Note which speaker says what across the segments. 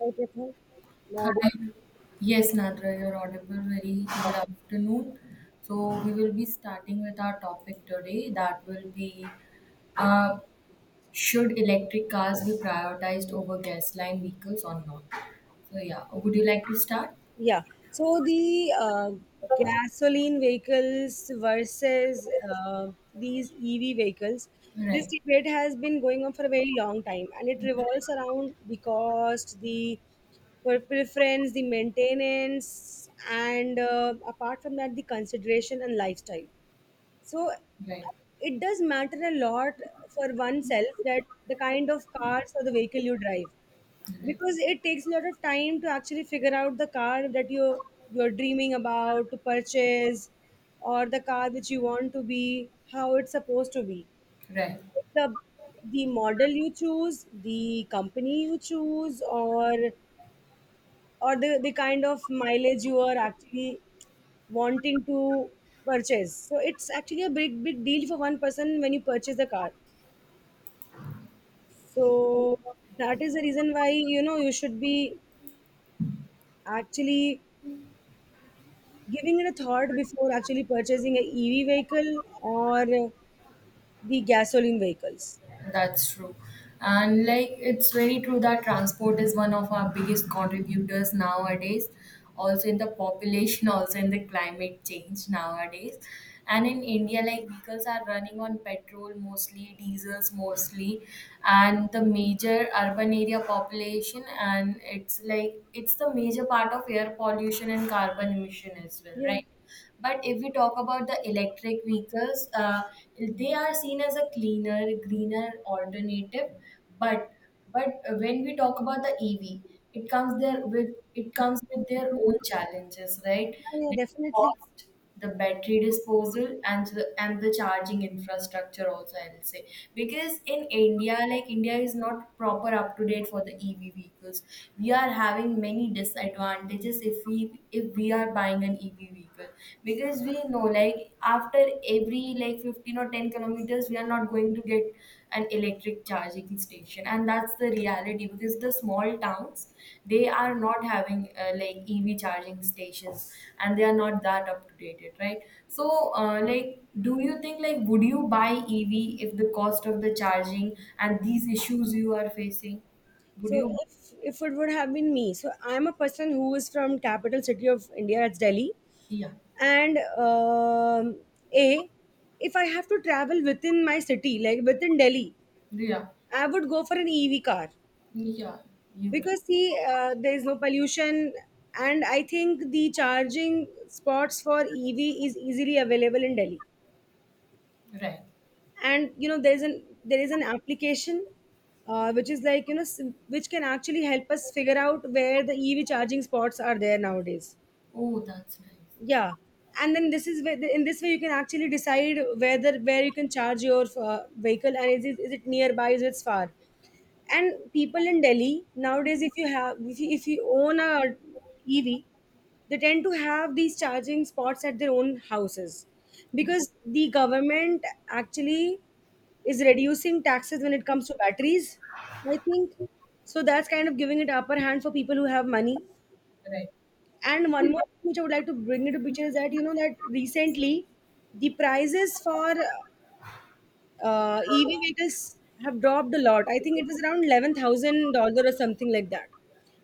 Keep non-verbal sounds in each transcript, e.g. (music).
Speaker 1: Everything. Mod-
Speaker 2: Hi. Yes, Nadra, you're audible. Very good afternoon. So we will be starting with our topic today. That will be, uh, should electric cars be prioritized over gasoline vehicles or not? So yeah, would you like to start?
Speaker 1: Yeah. So the gasoline vehicles versus these EV vehicles, this
Speaker 2: Right,
Speaker 1: debate has been going on for a very long time, and it revolves around the cost, the preference, the maintenance, and apart from that, the consideration and lifestyle. So
Speaker 2: right,
Speaker 1: it does matter a lot for oneself that the kind of cars or the vehicle you drive,
Speaker 2: right,
Speaker 1: because it takes a lot of time to actually figure out the car that you're dreaming about to purchase, or the car which you want to be how it's supposed to be.
Speaker 2: right.
Speaker 1: Like the model you choose, the company you choose, or the kind of mileage you are actually wanting to purchase. So it's actually a big big deal for one person when you purchase the car. So that is the reason why you should be actually giving it a thought before actually purchasing an EV vehicle or the gasoline vehicles.
Speaker 2: That's true. And like it's very true that transport is one of our biggest contributors nowadays, also in the population, (laughs) also in the climate change nowadays. And in India, like vehicles are running on petrol mostly, diesels mostly, and the major urban area population, and it's like it's the major part of air pollution and carbon emission as well,
Speaker 1: Yeah,
Speaker 2: right? But if we talk about the electric vehicles, they are seen as a cleaner, greener alternative. But but when we talk about the EV, it comes there with it comes with their own challenges, right?
Speaker 1: yeah, yeah,
Speaker 2: The
Speaker 1: definitely.
Speaker 2: cost, the battery disposal, and the charging infrastructure also, I'll say, because in India, like India is not proper up to date for the EV vehicles. We are having many disadvantages if we are buying an EV vehicle, because we know, like, after every, like, 15 or 10 kilometers we are not going to get an electric charging station, and that's the reality because the small towns, they are not having, like, EV charging stations, and they are not that up to date, right? So like, do you think, like, would you buy EV if the cost of the charging and these issues you are facing, would
Speaker 1: So
Speaker 2: you?
Speaker 1: if it would have been me. So I'm a person who is from capital city of India, that's Delhi,
Speaker 2: Yeah,
Speaker 1: and a if I have to travel within my city, like within Delhi,
Speaker 2: yeah,
Speaker 1: I would go for an EV car
Speaker 2: yeah. You
Speaker 1: because see, there is no pollution, and I think the charging spots for EV is easily available in Delhi.
Speaker 2: can. Right.
Speaker 1: And there is an application, which is like which can actually help us figure out where the EV charging spots are there nowadays.
Speaker 2: Oh, that's nice.
Speaker 1: Yeah. And then this is where, in this way, you can actually decide whether where you can charge your vehicle and is it nearby, is it far. And people in Delhi nowadays, if you have if you own a EV, they tend to have these charging spots at their own houses because the government actually is reducing taxes when it comes to batteries, I think. So that's kind of giving it upper hand for people who have money.
Speaker 2: Right.
Speaker 1: And one more thing which I would like to bring into picture is that that recently the prices for EV vehicles have dropped a lot. I think it was around $11,000 or something like that.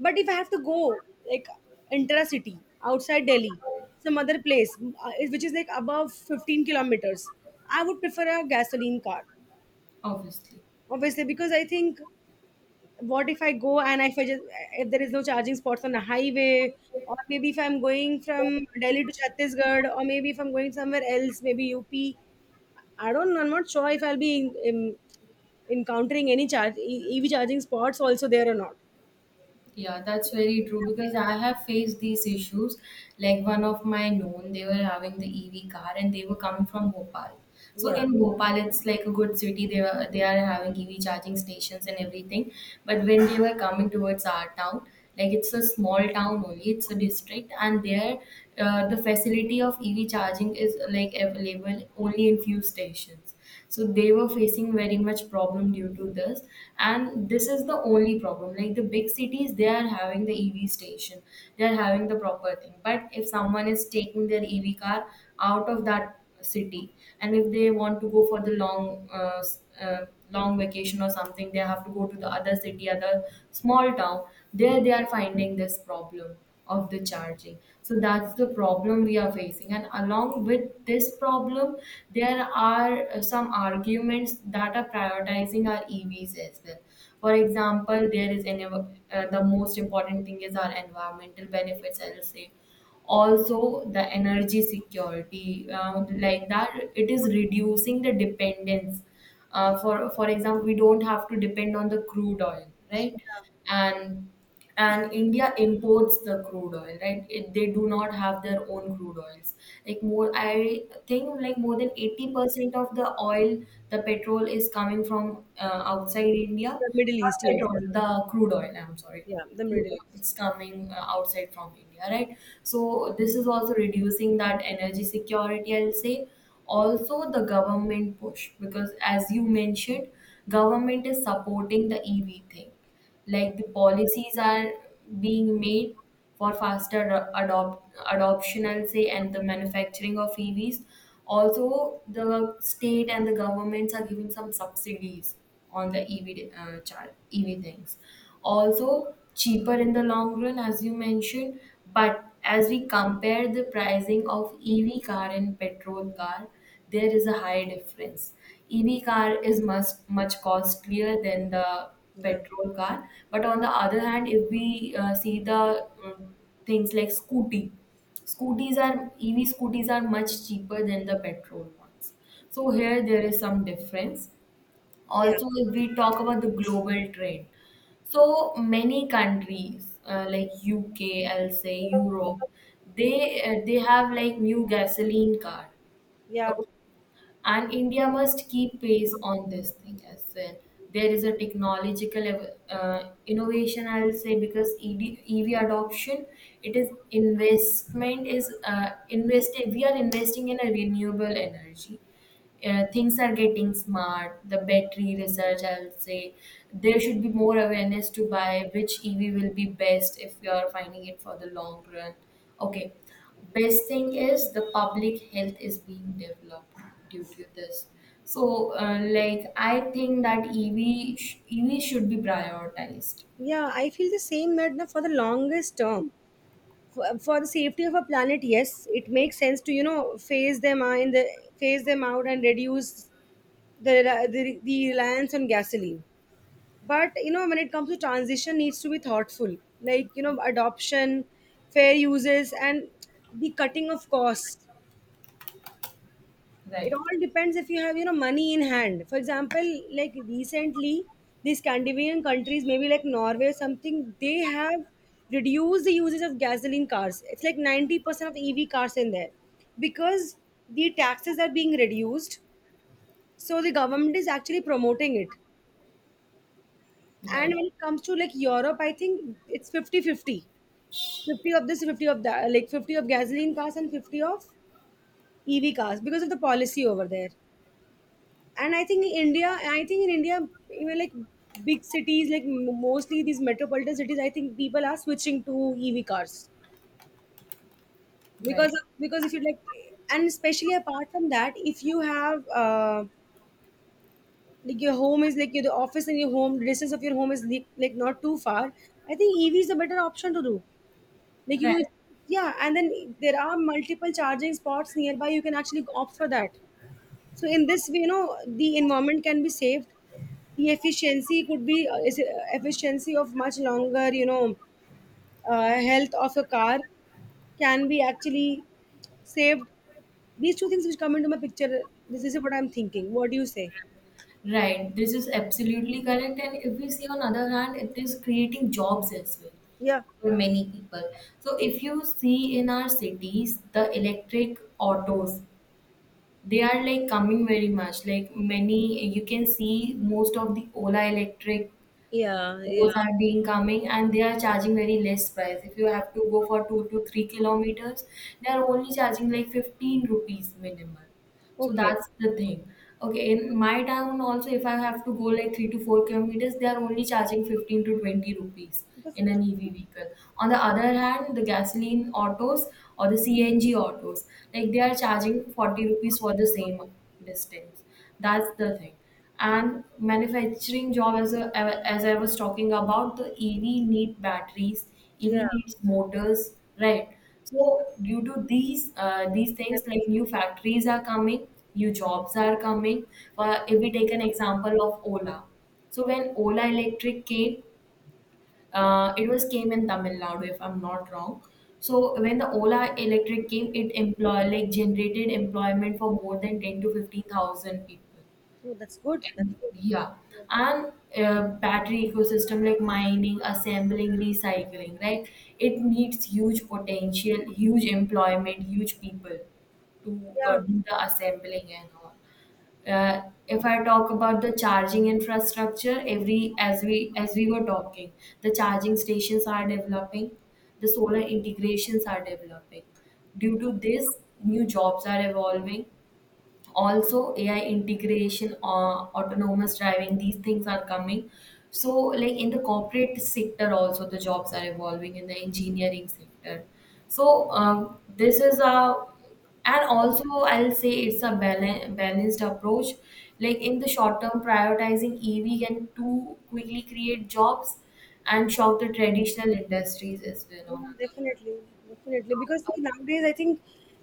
Speaker 1: But if I have to go like intra-city outside Delhi, some other place, which is like above 15 kilometers, I would prefer a gasoline car,
Speaker 2: Obviously.
Speaker 1: obviously, because I think, what if I go, and if I just, if there is no charging spots on a highway, or maybe if I'm going from Delhi to Chhattisgarh, or maybe if I'm going somewhere else, maybe upi don't. I'm not sure if I'll be encountering any EV charging spots also there or not.
Speaker 2: Yeah, that's very true because I have faced these issues. Like one of my known, they were having the EV car and they were coming from Bhopal. So
Speaker 1: Yeah,
Speaker 2: in Bhopal, it's like a good city. They are having EV charging stations and everything. But when they were coming towards our town, like it's a small town only, it's a district, and there, the facility of EV charging is like available only in few stations, so they were facing very much problem due to this. And this is the only problem. Like the big cities, they are having the EV station, they are having the proper thing, but if someone is taking their EV car out of that city, and if they want to go for the long vacation or something, they have to go to the other city, other small town. There, they are finding this problem of the charging. So that's the problem we are facing, and along with this problem there are some arguments that are prioritizing our EVs as well. For example, the most important thing is our environmental benefits, I'll say, also the energy security, like, that it is reducing the dependence, for example we don't have to depend on the crude oil, right? And and India imports the crude oil, right? It, they do not have their own crude oils. Like more, I think, like, more than 80% of the oil, the petrol is coming from outside India.
Speaker 1: the Middle
Speaker 2: Not
Speaker 1: East. Yes,
Speaker 2: petrol, the crude oil. I'm sorry,
Speaker 1: yeah, the
Speaker 2: crude
Speaker 1: Middle
Speaker 2: oil.
Speaker 1: East.
Speaker 2: It's coming outside from India, right? So this is also reducing that energy security, I'll say. Also the government push, because as you mentioned, government is supporting the EV thing. Like the policies are being made for faster adoption, I'll say, and the manufacturing of EVs. Also the state and the governments are giving some subsidies on the EV things. Also cheaper in the long run, as you mentioned, but as we compare the pricing of EV car and petrol car, there is a high difference. EV car is much much costlier than the
Speaker 1: Yeah,
Speaker 2: petrol car. But on the other hand, if we see the, things like scooty, scooties are EV scooties are much cheaper than the petrol ones. So here there is some difference.
Speaker 1: yeah,
Speaker 2: Also, if we talk about the global trend, so many countries like UK, I'll say, Europe, they have like new gasoline car.
Speaker 1: yeah,
Speaker 2: Okay, and India must keep pace on this thing as well. There is a technological innovation, I'll say, because ED, EV adoption, it is investment is invested. We are investing in a renewable energy. Things are getting smart, the battery research, I would say. There should be more awareness to buy which EV will be best if you are finding it for the long run. Okay. Best thing is the public health is being developed due to this. So like, I think that EV should be prioritized.
Speaker 1: yeah. I feel the same, that na, for the longest term, for the safety of our planet, yes, it makes sense to phase them out in the phase them out and reduce the reliance on gasoline. But when it comes to, transition needs to be thoughtful, like adoption, fair uses and the cutting of costs. It
Speaker 2: Right.
Speaker 1: all depends if you have money in hand. For example, like recently, these scandinavian countries, maybe like norway or something, they have reduced the usage of gasoline cars. It's like 90% of ev cars in there because the taxes are being reduced, so the government is actually promoting it. And
Speaker 2: Right.
Speaker 1: when it comes to like europe, I think it's 50-50. 50 fifty of this, 50 of that, like 50 of gasoline cars and 50 of ev cars, because of the policy over there. And I think in india, even like big cities, like mostly these metropolitan cities, I think people are switching to ev cars.
Speaker 2: Right.
Speaker 1: Because if you like, and especially apart from that, if you have like your home is like your the office, and your home, the distance of your home is like not too far. I think ev is the better option to do. Like
Speaker 2: Right.
Speaker 1: you Yeah, and then there are multiple charging spots nearby. You can actually opt for that. So in this way, the environment can be saved. The efficiency could be efficiency of much longer, health of a car can be actually saved. These two things which come into my picture. This is what I'm thinking. What do you say?
Speaker 2: Right, this is absolutely correct. And if we see on other hand, it is creating jobs as well
Speaker 1: Yeah,
Speaker 2: for many people. So if you see in our cities, the electric autos, they are like coming very much. Like many, you can see most of the Ola electric,
Speaker 1: yeah,
Speaker 2: those
Speaker 1: yeah.
Speaker 2: are being coming, and they are charging very less price. If you have to go for 2 to 3 kilometers, they are only charging like 15 rupees minimal. So
Speaker 1: Okay.
Speaker 2: that's the thing. Okay, in my town also, if I have to go like 3 to 4 kilometers, they are only charging 15 to 20 rupees
Speaker 1: That's,
Speaker 2: in an EV vehicle. On the other hand, the gasoline autos or the CNG autos, like they are charging 40 rupees for the same distance. That's the thing. And manufacturing job, as I was talking about, the EV need batteries, EV
Speaker 1: yeah,
Speaker 2: needs motors, right? So due to these things, like new factories are coming, new jobs are coming. If we take an example of Ola, so when Ola Electric came, it was came in Tamil Nadu if I'm not wrong. So when the Ola Electric came, it employ like generated employment for more than 10 to 15,000 people.
Speaker 1: oh, that's good. That's good.
Speaker 2: Yeah, and battery ecosystem, like mining, assembling, recycling, right? It needs huge potential, huge employment, huge people to
Speaker 1: Yeah.
Speaker 2: do the assembling and all. If I talk about the charging infrastructure, every as we were talking, the charging stations are developing, the solar integrations are developing. Due to this, new jobs are evolving. Also, AI integration or autonomous driving, these things are coming. So like in the corporate sector also, the jobs are evolving in the engineering sector. So um, this is a and also, I'll say, it's a balanced approach. Like in the short term, prioritizing EV can too quickly create jobs and shock the traditional industries as well
Speaker 1: Yeah,
Speaker 2: on
Speaker 1: definitely, definitely. Because
Speaker 2: other.
Speaker 1: see, nowadays I think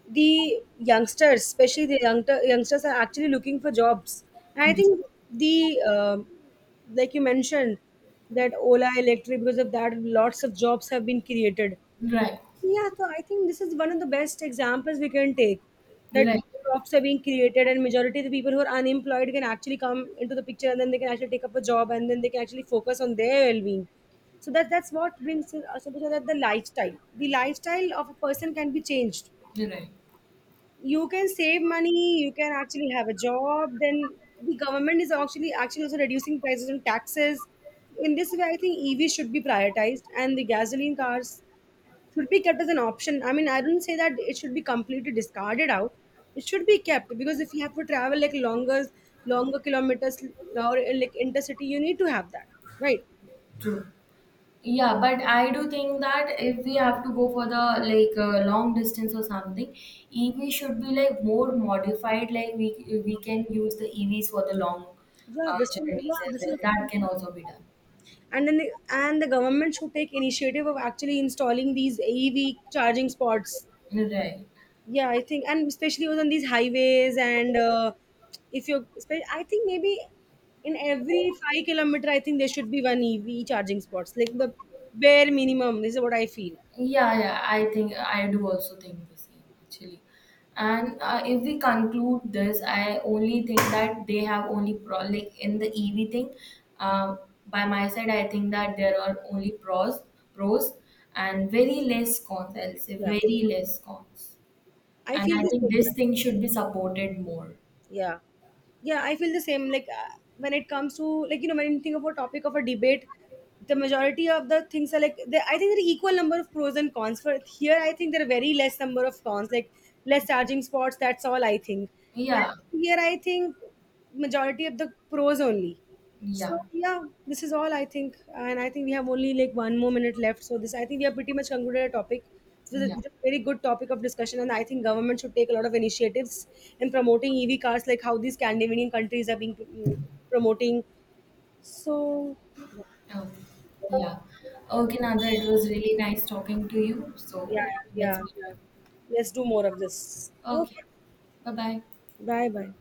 Speaker 1: the youngsters, especially the youngsters, are actually looking for jobs. And I think the like you mentioned, that Ola Electric, because of that, lots of jobs have been created.
Speaker 2: Right.
Speaker 1: Yeah, so I think this is one of the best examples we can take, that
Speaker 2: Right.
Speaker 1: jobs are being created, and majority of the people who are unemployed can actually come into the picture and then they can actually take up a job and then they can actually focus on their well-being. So that's what brings us to that, the lifestyle. The lifestyle of a person can be changed.
Speaker 2: Right. Right.
Speaker 1: You can save money, you can actually have a job. Then the government is actually also reducing prices and taxes. In this way, I think EV should be prioritized and the gasoline cars should be kept as an option. I mean, I don't say that it should be completely discarded out. It should be kept because if you have to travel like longer, kilometers, or like intercity, you need to have that, right?
Speaker 2: True. Yeah, but I do think that if we have to go for the, like, long distance or something, EV should be like more modified. Like we can use the EVs for the long,
Speaker 1: Yeah, this can, yeah,
Speaker 2: journeys as
Speaker 1: this is a
Speaker 2: well. That
Speaker 1: phenomenon.
Speaker 2: can also be done.
Speaker 1: And then and the government should take initiative of actually installing these AEV charging spots.
Speaker 2: Right.
Speaker 1: Yeah, I think, and especially was on these highways. And if you I think maybe in every 5 kilometer, I think there should be one ev charging spots, like the bare minimum. This is what I feel.
Speaker 2: Yeah, yeah, I think I do also think the same actually. And if we conclude this, I only think that they have only pro, like, in the EV thing. Uh, by my side, I think that there are only pros, and very less cons. I'll say
Speaker 1: Yeah,
Speaker 2: very less cons.
Speaker 1: I
Speaker 2: And
Speaker 1: feel
Speaker 2: I
Speaker 1: this
Speaker 2: think
Speaker 1: way.
Speaker 2: this thing should be supported more.
Speaker 1: Yeah, yeah, I feel the same. Like, when it comes to, like when you think of a topic of a debate, the majority of the things are like I think there are equal number of pros and cons. For here, I think there are very less number of cons, like less charging spots, that's all I think.
Speaker 2: Yeah,
Speaker 1: And here I think majority of the pros only. So
Speaker 2: yeah,
Speaker 1: yeah, this is all I think, and I think we have only like one more minute left. So this, I think we have pretty much concluded a topic. This is a
Speaker 2: yeah.
Speaker 1: very good topic of discussion, and I think government should take a lot of initiatives in promoting EV cars, like how these Scandinavian countries are being promoting. So
Speaker 2: Okay. Yeah. Okay, Nadra, it was really nice talking to you.
Speaker 1: yeah,
Speaker 2: So let's
Speaker 1: yeah, yeah.
Speaker 2: meet.
Speaker 1: Let's do more of this.
Speaker 2: Okay.
Speaker 1: Okay,
Speaker 2: 拜拜。
Speaker 1: bye, bye.